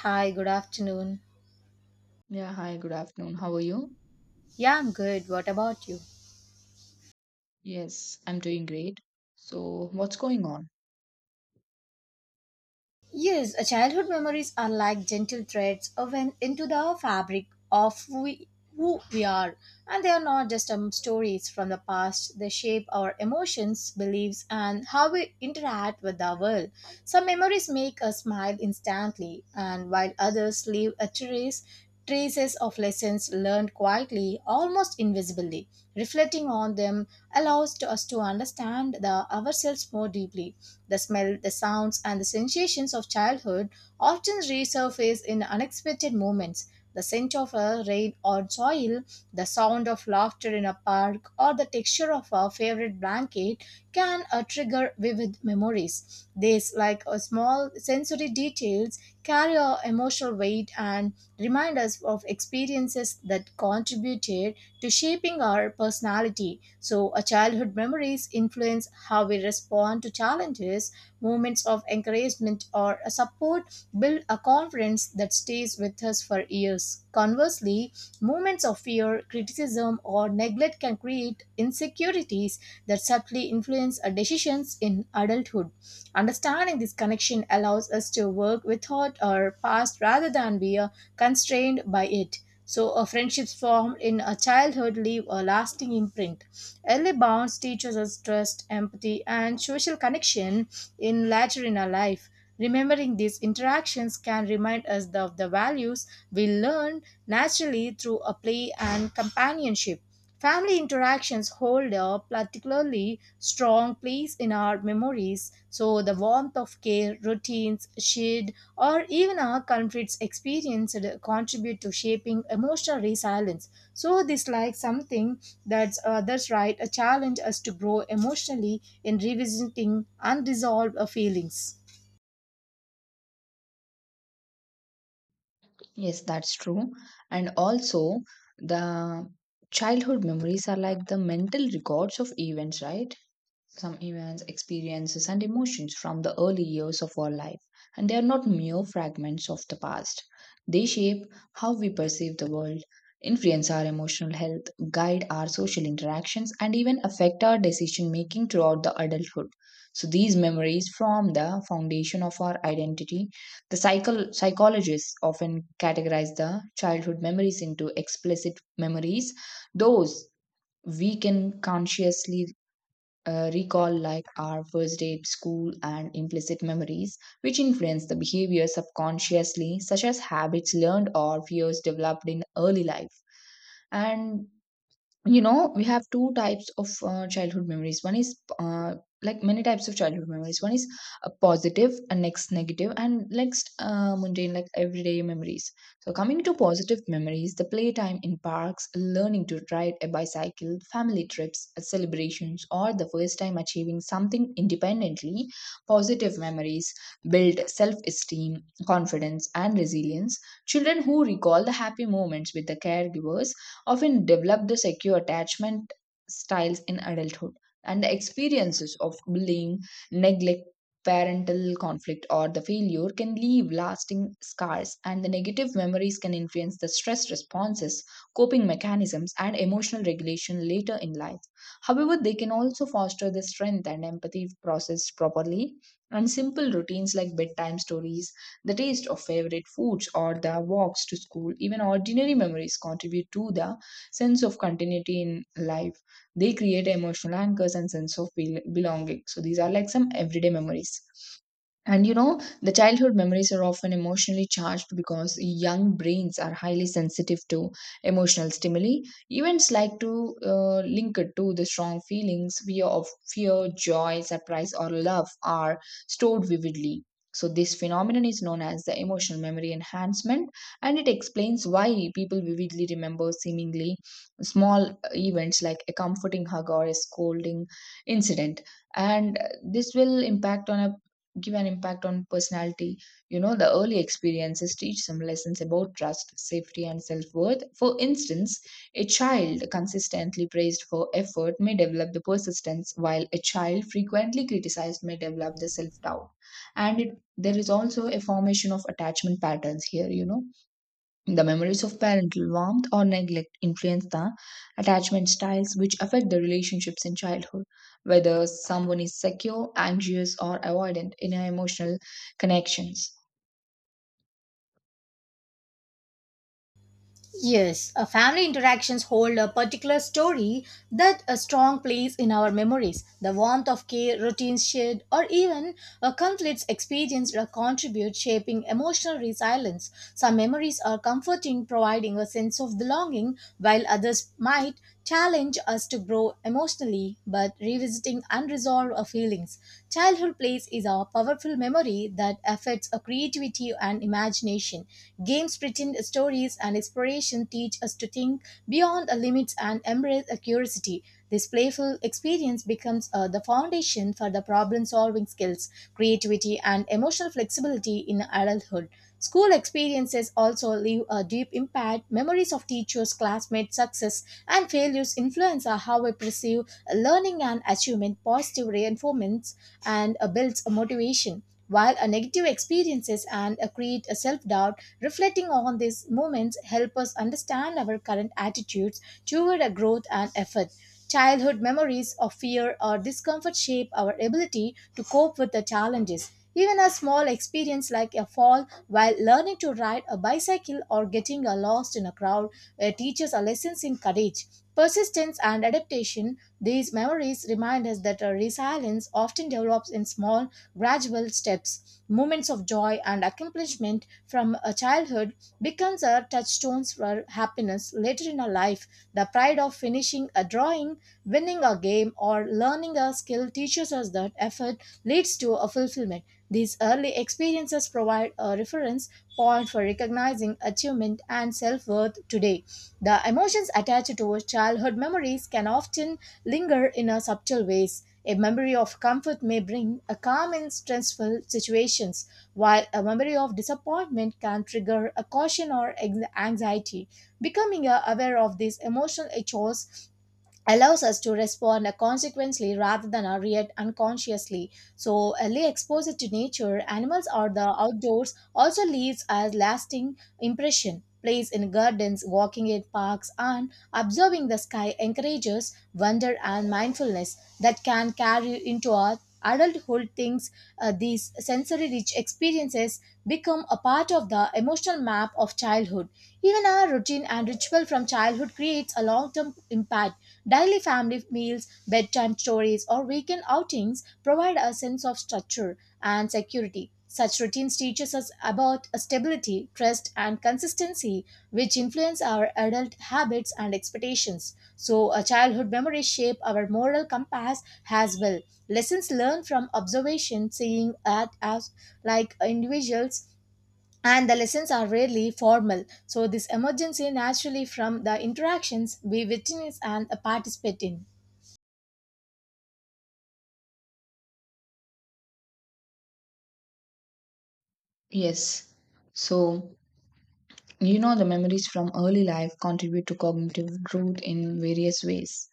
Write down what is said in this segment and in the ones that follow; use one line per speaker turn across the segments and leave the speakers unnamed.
Hi, good afternoon.
Yeah, hi, good afternoon. How are you?
Yeah, I'm good. What about you?
Yes, I'm doing great. So, what's going on?
Yes, a childhood memories are like gentle threads woven into the fabric of we, who we are, and they are not just stories from the past. They shape our emotions, beliefs, and how we interact with the world. Some memories make us smile instantly, and while others leave a trace. Traces of lessons learned quietly, almost invisibly. Reflecting on them allows to us to understand the ourselves more deeply. The smell, the sounds, and the sensations of childhood often resurface in unexpected moments. The scent of a rain or soil, the sound of laughter in a park, or the texture of a favorite blanket can trigger vivid memories. These, like small sensory details, carry a emotional weight and remind us of experiences that contributed to shaping our personality. So, our childhood memories influence how we respond to challenges. Moments of encouragement or support build a confidence that stays with us for years. Conversely, moments of fear, criticism, or neglect can create insecurities that subtly influence our decisions in adulthood. Understanding this connection allows us to work without our past rather than be constrained by it. So, a friendships formed in a childhood leave a lasting imprint. Early bonds teaches us trust, empathy, and social connection in later in our life. Remembering these interactions can remind us of the values we learned naturally through a play and companionship. Family interactions hold a particularly strong place in our memories, so the warmth of care, routines, shared, or even our conflicts experienced contribute to shaping emotional resilience. So, this like something that's right, a challenge us to grow emotionally in revisiting unresolved feelings.
Yes, that's true. And also, the childhood memories are like the mental records of events, right? Some events, experiences, and emotions from the early years of our life, and they are not mere fragments of the past. They shape how we perceive the world, influence our emotional health, guide our social interactions, and even affect our decision making throughout the adulthood. So, these memories form the foundation of our identity. The psychologists often categorize the childhood memories into explicit memories, those we can consciously recall like our first day at school and implicit memories, which influence the behavior subconsciously, such as habits learned or fears developed in early life. And you know we have two types of childhood memories one is like many types of childhood memories. One is positive and next negative and next mundane, like everyday memories. So coming to positive memories, the playtime in parks, learning to ride a bicycle, family trips, celebrations, or the first time achieving something independently. Positive memories build self-esteem, confidence, and resilience. Children who recall the happy moments with the caregivers often develop the secure attachment styles in adulthood. And the experiences of bullying, neglect, parental conflict, or the failure can leave lasting scars, and the negative memories can influence the stress responses, coping mechanisms, and emotional regulation later in life. However, they can also foster the strength and empathy if processed properly, and simple routines like bedtime stories, the taste of favorite foods, or the walks to school, even ordinary memories contribute to the sense of continuity in life. They create emotional anchors and sense of belonging. So these are like some everyday memories. And you know, the childhood memories are often emotionally charged because young brains are highly sensitive to emotional stimuli. Events like to link it to the strong feelings, fear of fear, joy, surprise, or love are stored vividly. So this phenomenon is known as the emotional memory enhancement, and it explains why people vividly remember seemingly small events like a comforting hug or a scolding incident, and this will impact on a give an impact on personality. You know, the early experiences teach some lessons about trust, safety, and self worth. For instance, a child consistently praised for effort may develop the persistence, while a child frequently criticized may develop the self doubt. And it, there is also a formation of attachment patterns here, you know the memories of parental warmth or neglect influence the attachment styles which affect the relationships in childhood. Whether someone is secure, anxious, or avoidant in emotional connections.
Yes, a family interactions hold a particular story that a strong place in our memories. The warmth of care, routines shared, or even a conflicts experienced contribute shaping emotional resilience. Some memories are comforting, providing a sense of belonging, while others might challenge us to grow emotionally, but revisiting unresolved feelings. Childhood plays is a powerful memory that affects our creativity and imagination. Games, pretend stories, and exploration teach us to think beyond our limits and embrace our curiosity. This playful experience becomes the foundation for the problem solving skills, creativity, and emotional flexibility in adulthood. School experiences also leave a deep impact. Memories of teachers, classmates, success, and failures influence how we perceive learning and achievement, positive reinforcements, and builds a motivation. While a negative experiences and create a self-doubt, reflecting on these moments help us understand our current attitudes toward a growth and effort. Childhood memories of fear or discomfort shape our ability to cope with the challenges. Even a small experience like a fall while learning to ride a bicycle or getting lost in a crowd teaches us lessons in courage, persistence, and adaptation, these memories remind us that resilience often develops in small, gradual steps. Moments of joy and accomplishment from a childhood becomes our touchstones for happiness later in our life. The pride of finishing a drawing, winning a game, or learning a skill teaches us that effort leads to a fulfillment. These early experiences provide a reference point for recognizing achievement and self worth today. The emotions attached to childhood memories can often linger in a subtle ways. A memory of comfort may bring a calm in stressful situations, while a memory of disappointment can trigger a caution or anxiety. Becoming aware of these emotional echoes allows us to respond consequently rather than react unconsciously. So, early exposure to nature, animals, or the outdoors also leaves a lasting impression. Plays in gardens, walking in parks, and observing the sky encourages wonder and mindfulness that can carry into our adulthood. Things These sensory-rich experiences become a part of the emotional map of childhood. Even our routine and ritual from childhood creates a long-term impact. Daily family meals, bedtime stories, or weekend outings provide a sense of structure and security. Such routines teaches us about stability, trust, and consistency, which influence our adult habits and expectations. So, a childhood memories shape our moral compass as well. Lessons learned from observation, seeing at as like individuals and the lessons are rarely formal. So, this emergency naturally from the interactions we witness and participate in.
Yes. So, you know, the memories from early life contribute to cognitive growth in various ways.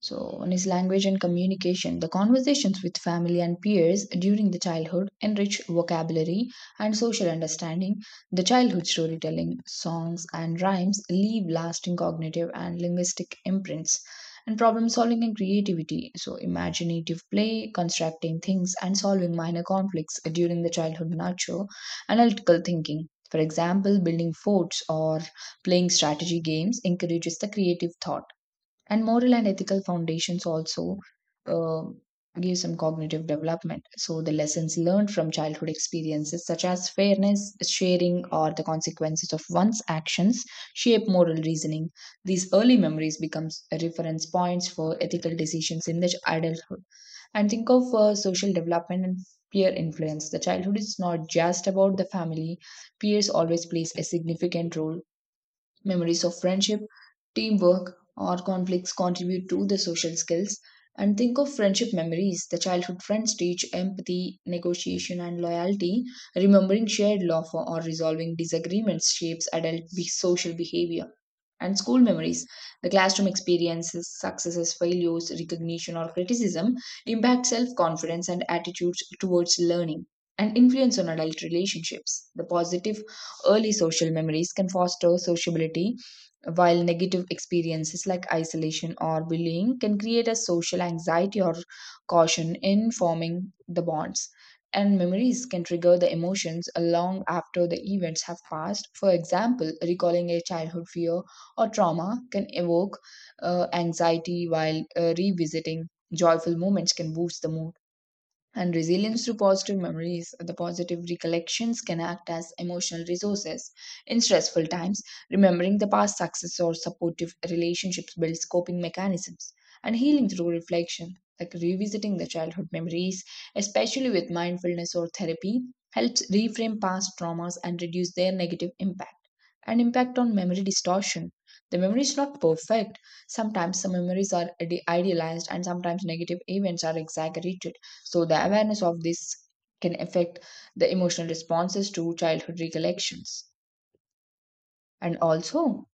So, one is language and communication. The conversations with family and peers during the childhood enrich vocabulary and social understanding. The childhood storytelling, songs, and rhymes leave lasting cognitive and linguistic imprints. And problem solving and creativity. So, imaginative play, constructing things, and solving minor conflicts during the childhood nurture analytical thinking. For example, building forts or playing strategy games encourages the creative thought. And moral and ethical foundations also uh, give some cognitive development. So the lessons learned from childhood experiences, such as fairness, sharing, or the consequences of one's actions, shape moral reasoning. These early memories becomes reference points for ethical decisions in the adulthood. And think of social development and peer influence. The childhood is not just about the family. Peers always plays a significant role. Memories of friendship, teamwork, or conflicts contribute to the social skills. And think of friendship memories. The childhood friends teach empathy, negotiation, and loyalty. Remembering shared love or resolving disagreements shapes adult social behavior. And school memories. The classroom experiences, successes, failures, recognition, or criticism impact self confidence and attitudes towards learning and influence on adult relationships. The positive early social memories can foster sociability, while negative experiences like isolation or bullying can create a social anxiety or caution in forming the bonds. And memories can trigger the emotions long after the events have passed. For example, recalling a childhood fear or trauma can evoke anxiety, while revisiting joyful moments can boost the mood and resilience to positive memories. The positive recollections can act as emotional resources in stressful times. Remembering the past success or supportive relationships builds coping mechanisms and healing through reflection, like revisiting the childhood memories, especially with mindfulness or therapy, helps reframe past traumas and reduce their negative impact. And impact on memory distortion. The memory is not perfect. Sometimes some memories are idealized, and sometimes negative events are exaggerated. So, the awareness of this can affect the emotional responses to childhood recollections. And also,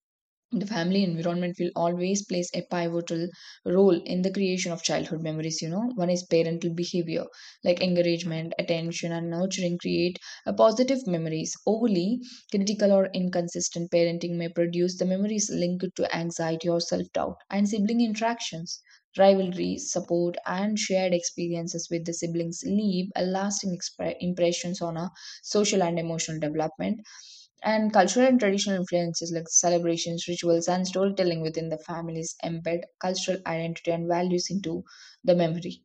the family environment will always plays a pivotal role in the creation of childhood memories. You know, one is parental behavior, like encouragement, attention, and nurturing create a positive memories. Overly critical or inconsistent parenting may produce the memories linked to anxiety or self doubt, and sibling interactions, rivalries, support, and shared experiences with the siblings leave a lasting impressions on a social and emotional development. And cultural and traditional influences like celebrations, rituals, and storytelling within the families embed cultural identity and values into the memory.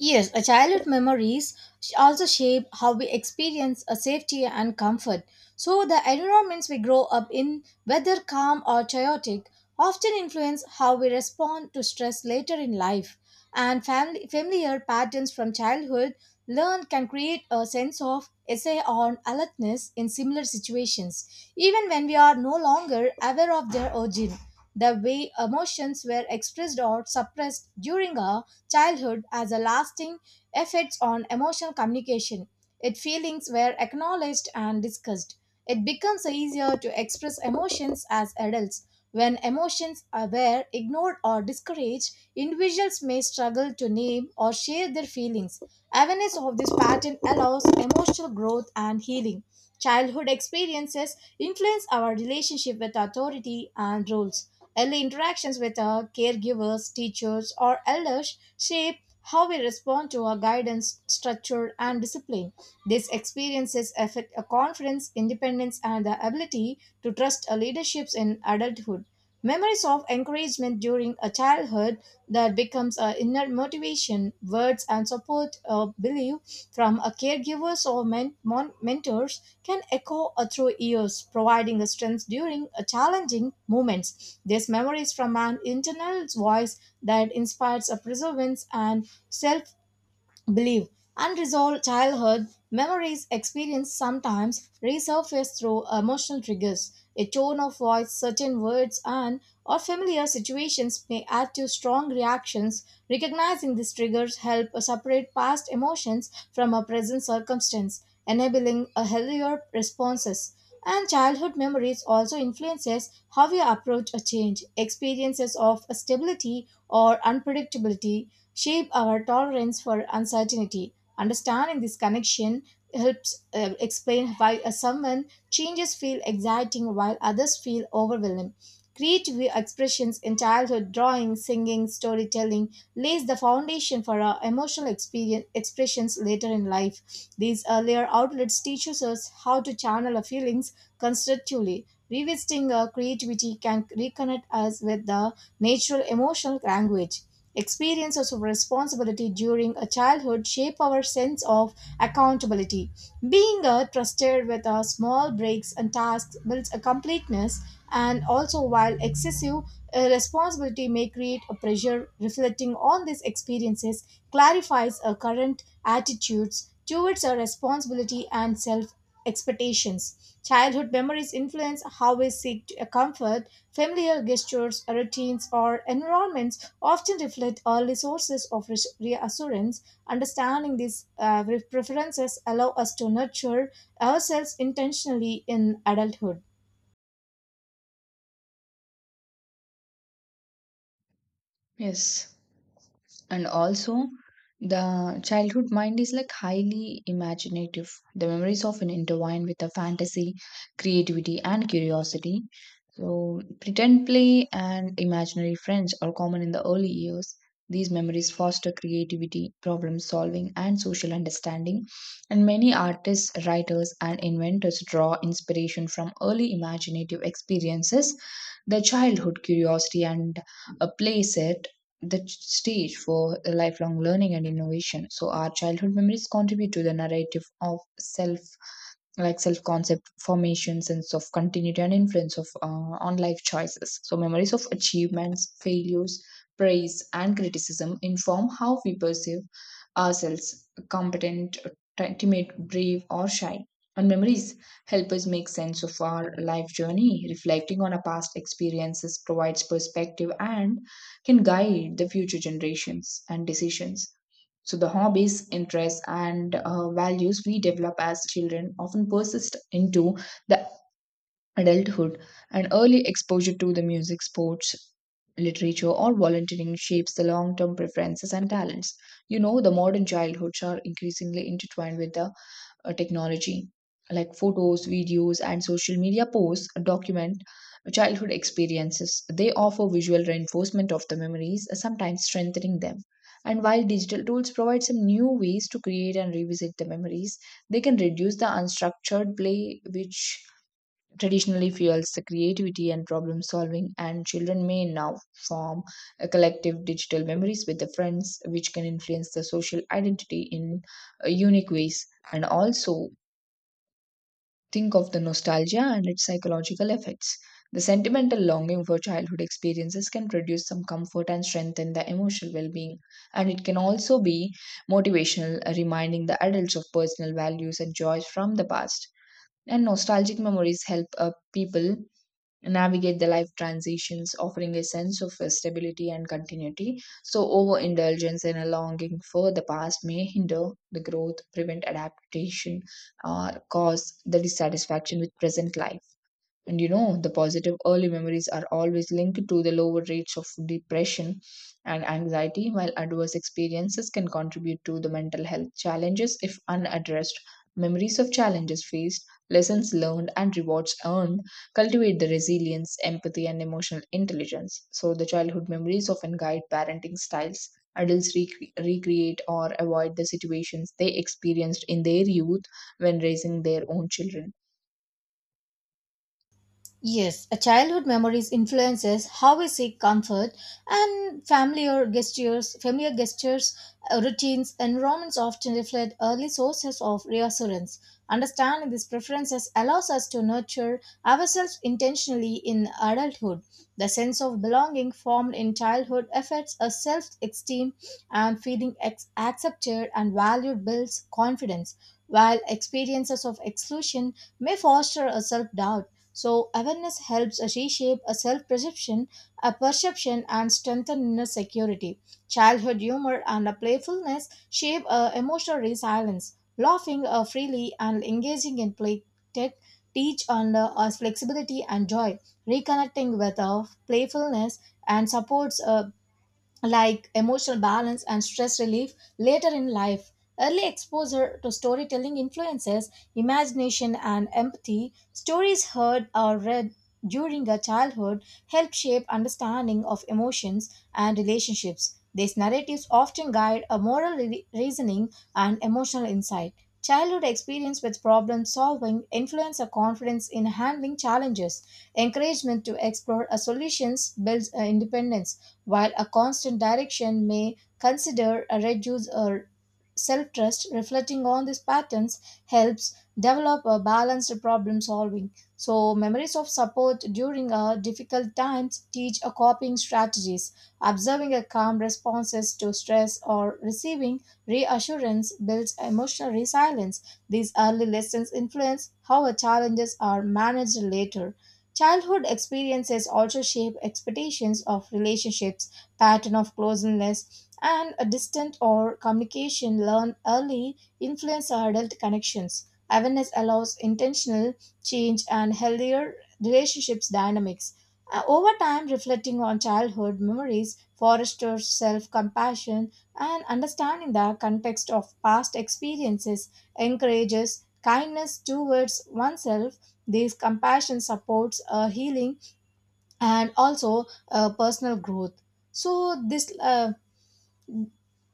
Yes, a childhood memories also shape how we experience a safety and comfort. So the environments we grow up in, whether calm or chaotic, often influence how we respond to stress later in life. And family, familiar patterns from childhood learned can create a sense of essay on alertness in similar situations, even when we are no longer aware of their origin. The way emotions were expressed or suppressed during our childhood as a lasting effects on emotional communication. Its feelings were acknowledged and discussed. It becomes easier to express emotions as adults. When emotions are were ignored or discouraged, individuals may struggle to name or share their feelings. Awareness of this pattern allows emotional growth and healing. Childhood experiences influence our relationship with authority and rules. Early interactions with our caregivers, teachers, or elders shape how we respond to our guidance, structure, and discipline. These experiences affect our confidence, independence, and the ability to trust our leaderships in adulthood. Memories of encouragement during a childhood that becomes our inner motivation, words and support or belief from a caregivers or mentors can echo through years, providing the strength during challenging moments. These memories from an internal voice that inspires a perseverance and self believe unresolved childhood memories experienced sometimes resurface through emotional triggers a tone of voice certain words and or familiar situations may add to strong reactions recognizing these triggers help separate past emotions from a present circumstance enabling a healthier responses and childhood memories also influences how we approach a change experiences of stability or unpredictability shape our tolerance for uncertainty understanding this connection helps explain why someone changes feel exciting while others feel overwhelming creative expressions in childhood drawing singing storytelling lays the foundation for our emotional experience, expressions later in life. These earlier outlets teaches us how to channel our feelings constructively. Revisiting our creativity can reconnect us with the natural emotional language. Experiences of responsibility during a childhood shape our sense of accountability. Being trusted with our small breaks and tasks builds a completeness and also while excessive responsibility may create a pressure reflecting on these experiences clarifies our current attitudes towards our responsibility and self expectations childhood memories influence how we seek to comfort familiar gestures routines or environments often reflect early sources of reassurance understanding these preferences allow us to nurture ourselves intentionally in adulthood.
Yes. And also, the childhood mind is like highly imaginative. The memories often intertwine with the fantasy, creativity, and curiosity. So, pretend play and imaginary friends are common in the early years. These memories foster creativity, problem solving, and social understanding. And many artists, writers, and inventors draw inspiration from early imaginative experiences. The childhood curiosity and a play set the stage for lifelong learning and innovation. So, our childhood memories contribute to the narrative of self, like self concept formation, sense of continuity, and influence of on life choices. So memories of achievements, failures, praise, and criticism inform how we perceive ourselves: competent, timid, brave, or shy. And memories help us make sense of our life journey. Reflecting on our past experiences provides perspective and can guide the future generations and decisions. So the hobbies, interests, and values we develop as children often persist into the adulthood. And early exposure to the music, sports, literature, or volunteering shapes the long term preferences and talents. You know, the modern childhoods are increasingly intertwined with the technology, like photos, videos, and social media posts document childhood experiences. They offer visual reinforcement of the memories, sometimes strengthening them. And while digital tools provide some new ways to create and revisit the memories, they can reduce the unstructured play, which traditionally fuels the creativity and problem solving. And children may now form a collective digital memories with their friends, which can influence the social identity in unique ways. And also think of the nostalgia and its psychological effects. The sentimental longing for childhood experiences can produce some comfort and strengthen the emotional well being. And it can also be motivational, reminding the adults of personal values and joys from the past. And nostalgic memories help people navigate the life transitions, offering a sense of stability and continuity. So, overindulgence and a longing for the past may hinder the growth, prevent adaptation, or cause the dissatisfaction with present life. And you know, the positive early memories are always linked to the lower rates of depression and anxiety, while adverse experiences can contribute to the mental health challenges if unaddressed. Memories of challenges faced, lessons learned, and rewards earned cultivate the resilience, empathy, and emotional intelligence. So, the childhood memories often guide parenting styles. Adults recreate or avoid the situations they experienced in their youth when raising their own children.
Yes, a childhood memories influences how we seek comfort and familiar gestures, routines, environments often reflect early sources of reassurance. Understanding these preferences allows us to nurture ourselves intentionally in adulthood. The sense of belonging formed in childhood affects our self-esteem and feeling accepted and valued builds confidence, while experiences of exclusion may foster a self-doubt. So awareness helps reshape a a perception, and strengthen inner security. Childhood humor and a playfulness shape a emotional resilience. Laughing freely and engaging in play tech teach on us flexibility and joy. Reconnecting with playfulness and supports like emotional balance and stress relief later in life. Early exposure to storytelling influences imagination and empathy. Stories heard or read during a childhood help shape understanding of emotions and relationships. These narratives often guide a moral reasoning and emotional insight. Childhood experience with problem solving influence a confidence in handling challenges. Encouragement to explore a solutions builds independence while a constant direction may consider a reduce or self trust, reflecting on these patterns helps develop a balanced problem solving. So, memories of support during difficult times teach a coping strategies. Observing a calm responses to stress or receiving reassurance builds emotional resilience. These early lessons influence how our challenges are managed later. Childhood experiences also shape expectations of relationships, pattern of closeness, and a distant or communication learned early influence our adult connections. Awareness allows intentional change and healthier relationships dynamics. Over time, reflecting on childhood memories fosters self-compassion and understanding the context of past experiences encourages kindness towards oneself. This compassion supports healing and also personal growth. So this. Uh,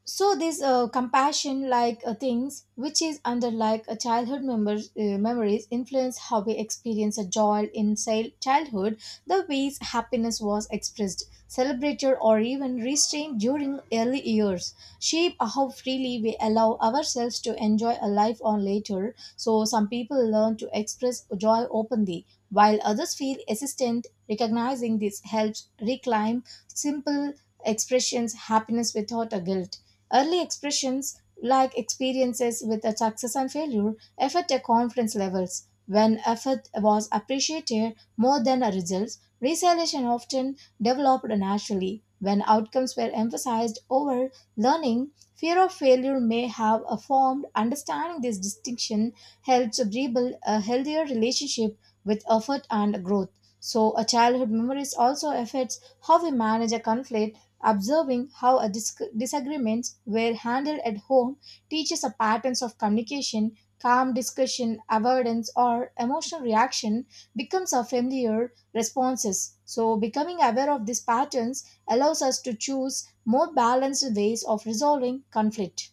so this compassion like things which is under like a childhood members, memories influence how we experience a joy in childhood the ways happiness was expressed celebrated or even restrained during early years shape how freely we allow ourselves to enjoy a life or later so some people learn to express joy openly while others feel hesitant recognizing this helps reclaim simple expressions happiness without a guilt. Early expressions like experiences with a success and failure affect a confidence levels. When effort was appreciated more than a results, resilience often developed naturally. When outcomes were emphasized over learning, fear of failure may have a formed. Understanding this distinction helps rebuild a healthier relationship with effort and growth. So, a childhood memories also affects how we manage a conflict. Observing how disagreements were handled at home teaches a patterns of communication, calm discussion, avoidance, or emotional reaction becomes our familiar responses. So, becoming aware of these patterns allows us to choose more balanced ways of resolving conflict.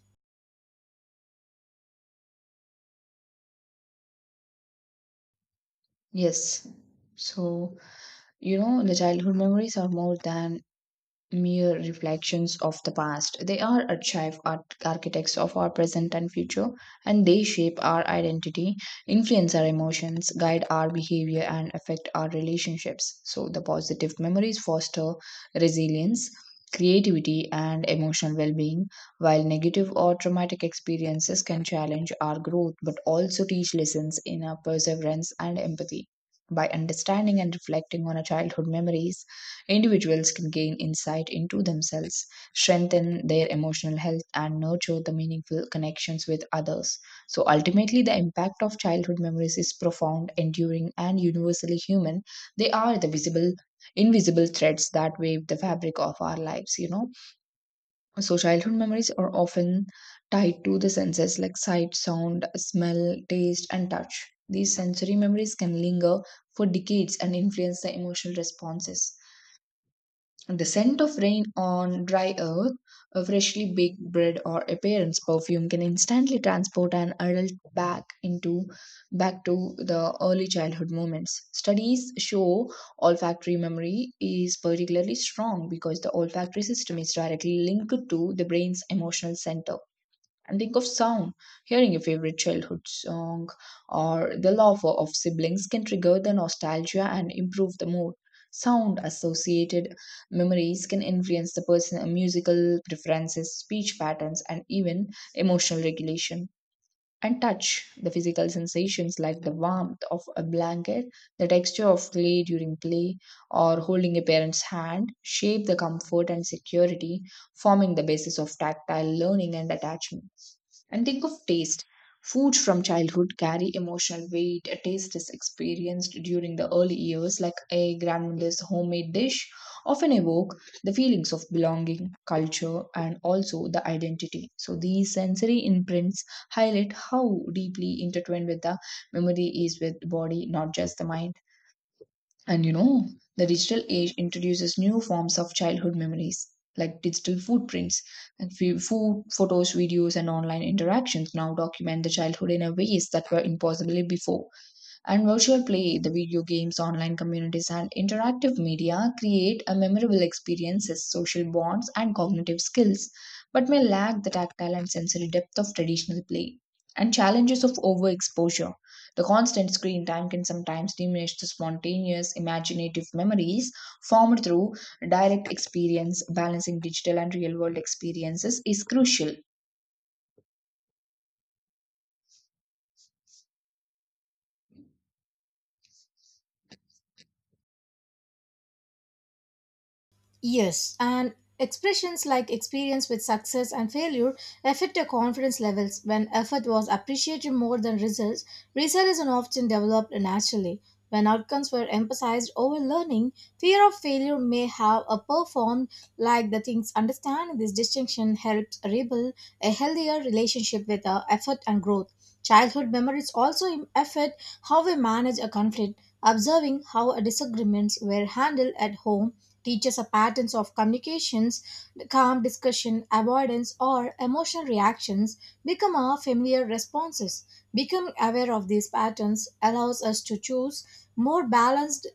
Yes. So, you know, the childhood memories are more than mere reflections of the past. They are archive art architects of our present and future, and they shape our identity, influence our emotions, guide our behavior, and affect our relationships. So, the positive memories foster resilience, creativity, and emotional well being, while negative or traumatic experiences can challenge our growth but also teach lessons in our perseverance and empathy. By understanding and reflecting on our childhood memories, individuals can gain insight into themselves, strengthen their emotional health, and nurture the meaningful connections with others. So, ultimately, the impact of childhood memories is profound, enduring, and universally human. They are the visible, invisible threads that weave the fabric of our lives, you know. So, childhood memories are often tied to the senses like sight, sound, smell, taste, and touch. These sensory memories can linger for decades and influence the emotional responses. The scent of rain on dry earth, a freshly baked bread, or a parent's perfume can instantly transport an adult back to the early childhood moments. Studies show olfactory memory is particularly strong because the olfactory system is directly linked to the brain's emotional center. And think of sound. Hearing your favorite childhood song or the love of siblings can trigger the nostalgia and improve the mood. Sound associated memories can influence the person's musical preferences, speech patterns, and even emotional regulation. And touch, the physical sensations like the warmth of a blanket, the texture of clay during play, or holding a parent's hand, shape the comfort and security, forming the basis of tactile learning and attachment. And think of taste. Food from childhood carry emotional weight. A taste is experienced during the early years, like a grandmother's homemade dish, often evoke the feelings of belonging, culture, and also the identity. So these sensory imprints highlight how deeply intertwined with the memory is with the body, not just the mind. And you know, the digital age introduces new forms of childhood memories, like digital footprints and food, photos, videos, and online interactions now document the childhood in a ways that were impossible before. And virtual play, the video games, online communities, and interactive media create a memorable experiences, social bonds, and cognitive skills, but may lack the tactile and sensory depth of traditional play. And challenges of overexposure. The constant screen time can sometimes diminish the spontaneous, imaginative memories formed through direct experience. Balancing digital and real world experiences is crucial.
Yes, and expressions like experience with success and failure affect your confidence levels when effort was appreciated more than results. Resilience often developed naturally. When outcomes were emphasized over learning, fear of failure may have a performed like the things. Understanding this distinction helps rebuild a healthier relationship with our effort and growth. Childhood memories also affect how we manage a conflict. Observing how disagreements were handled at home teaches us patterns of communications, calm discussion, avoidance, or emotional reactions become our familiar responses. Becoming aware of these patterns allows us to choose more balanced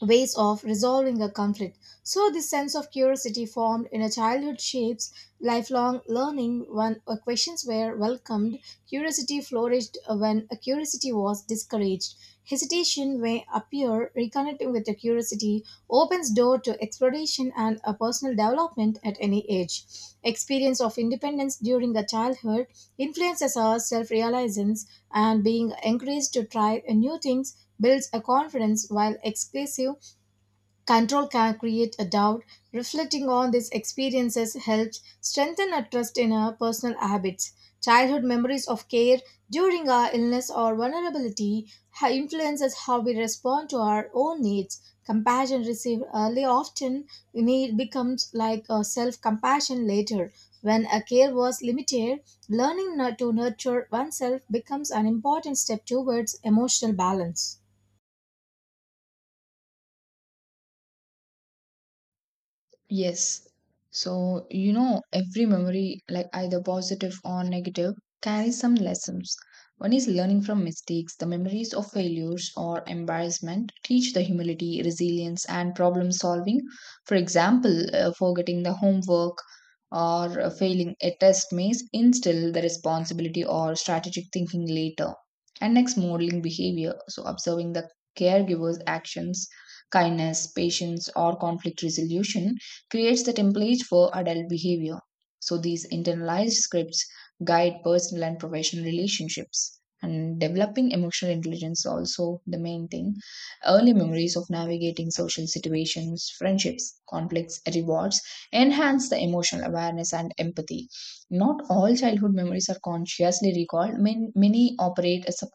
ways of resolving a conflict. So, this sense of curiosity formed in a childhood shapes lifelong learning when questions were welcomed, curiosity flourished when a curiosity was discouraged. Hesitation may appear, reconnecting with the curiosity opens door to exploration and a personal development at any age. Experience of independence during the childhood influences our self-realizance, and being encouraged to try new things builds a confidence while exclusive control can create a doubt. Reflecting on these experiences helps strengthen our trust in our personal habits. Childhood memories of care during our illness or vulnerability influences how we respond to our own needs. Compassion received early often need becomes like a self-compassion later. When a care was limited, learning to nurture oneself becomes an important step towards emotional balance.
Yes. So, you know, every memory, like either positive or negative, carries some lessons. One is learning from mistakes. The memories of failures or embarrassment teach the humility, resilience, and problem solving. For example, forgetting the homework or failing a test may instill the responsibility or strategic thinking later. And next, modeling behavior. So, observing the caregiver's actions, kindness, patience, or conflict resolution creates the template for adult behavior. So these internalized scripts guide personal and professional relationships. And developing emotional intelligence also the main thing. Early memories of navigating social situations, friendships, conflicts, rewards enhance the emotional awareness and empathy. Not all childhood memories are consciously recalled. Many operate as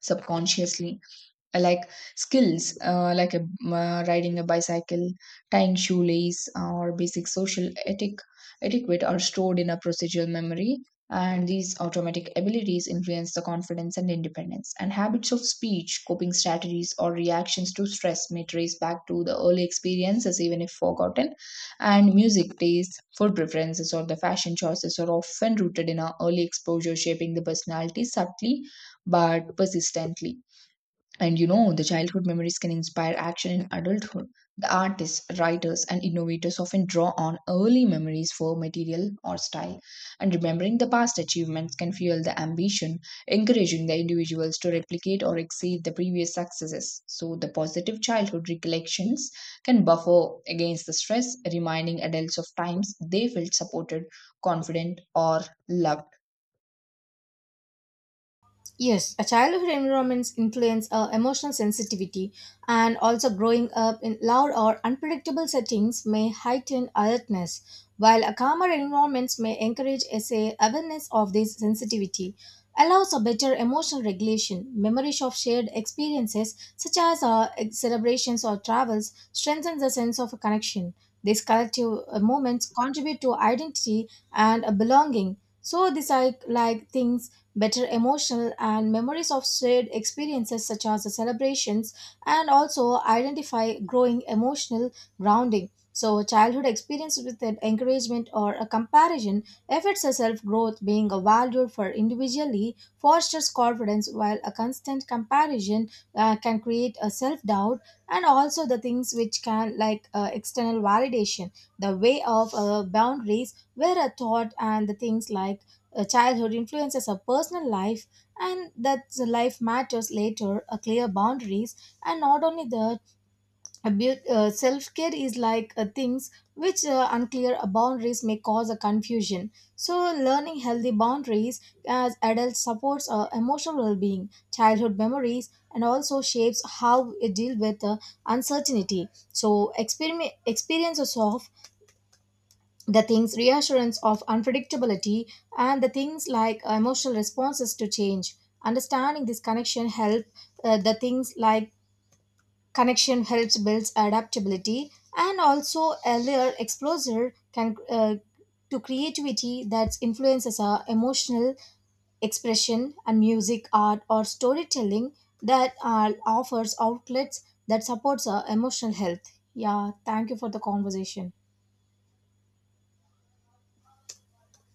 subconsciously, uh, like like riding a bicycle, tying shoelace, or basic social etiquette are stored in a procedural memory. And these automatic abilities influence the confidence and independence, and habits of speech, coping strategies, or reactions to stress may trace back to the early experiences even if forgotten. And music tastes, food preferences, or the fashion choices are often rooted in our early exposure, shaping the personality subtly but persistently. And you know, the childhood memories can inspire action in adulthood. The artists, writers, and innovators often draw on early memories for material or style. And remembering the past achievements can fuel the ambition, encouraging the individuals to replicate or exceed the previous successes. So, the positive childhood recollections can buffer against the stress, reminding adults of times they felt supported, confident, or loved.
Yes, a childhood environments influence emotional sensitivity, and also growing up in loud or unpredictable settings may heighten alertness, while a calmer environment may encourage a say, awareness of this sensitivity, allows a better emotional regulation. Memories of shared experiences, such as celebrations or travels, strengthens the sense of a connection. These collective moments contribute to identity and a belonging. So these are like things better emotional and memories of shared experiences such as the celebrations and also identify growing emotional grounding. So childhood experience with an encouragement or a comparison affects a self-growth being valued for individually fosters confidence while a constant comparison can create a self-doubt and also the things which can like external validation, the way of boundaries where a thought and the things like childhood influences our personal life, and that the life matters later. A clear boundaries, and not only that, a self care is like things which unclear boundaries may cause a confusion. So, learning healthy boundaries as adults supports our emotional well being, childhood memories, and also shapes how we deal with uncertainty. So, experiment experiences of the things reassurance of unpredictability and the things like emotional responses to change, understanding this connection help the things like connection helps builds adaptability, and also earlier exposure can to creativity that influences our emotional expression and music art or storytelling that offers outlets that supports our emotional health. Yeah, thank you for the conversation.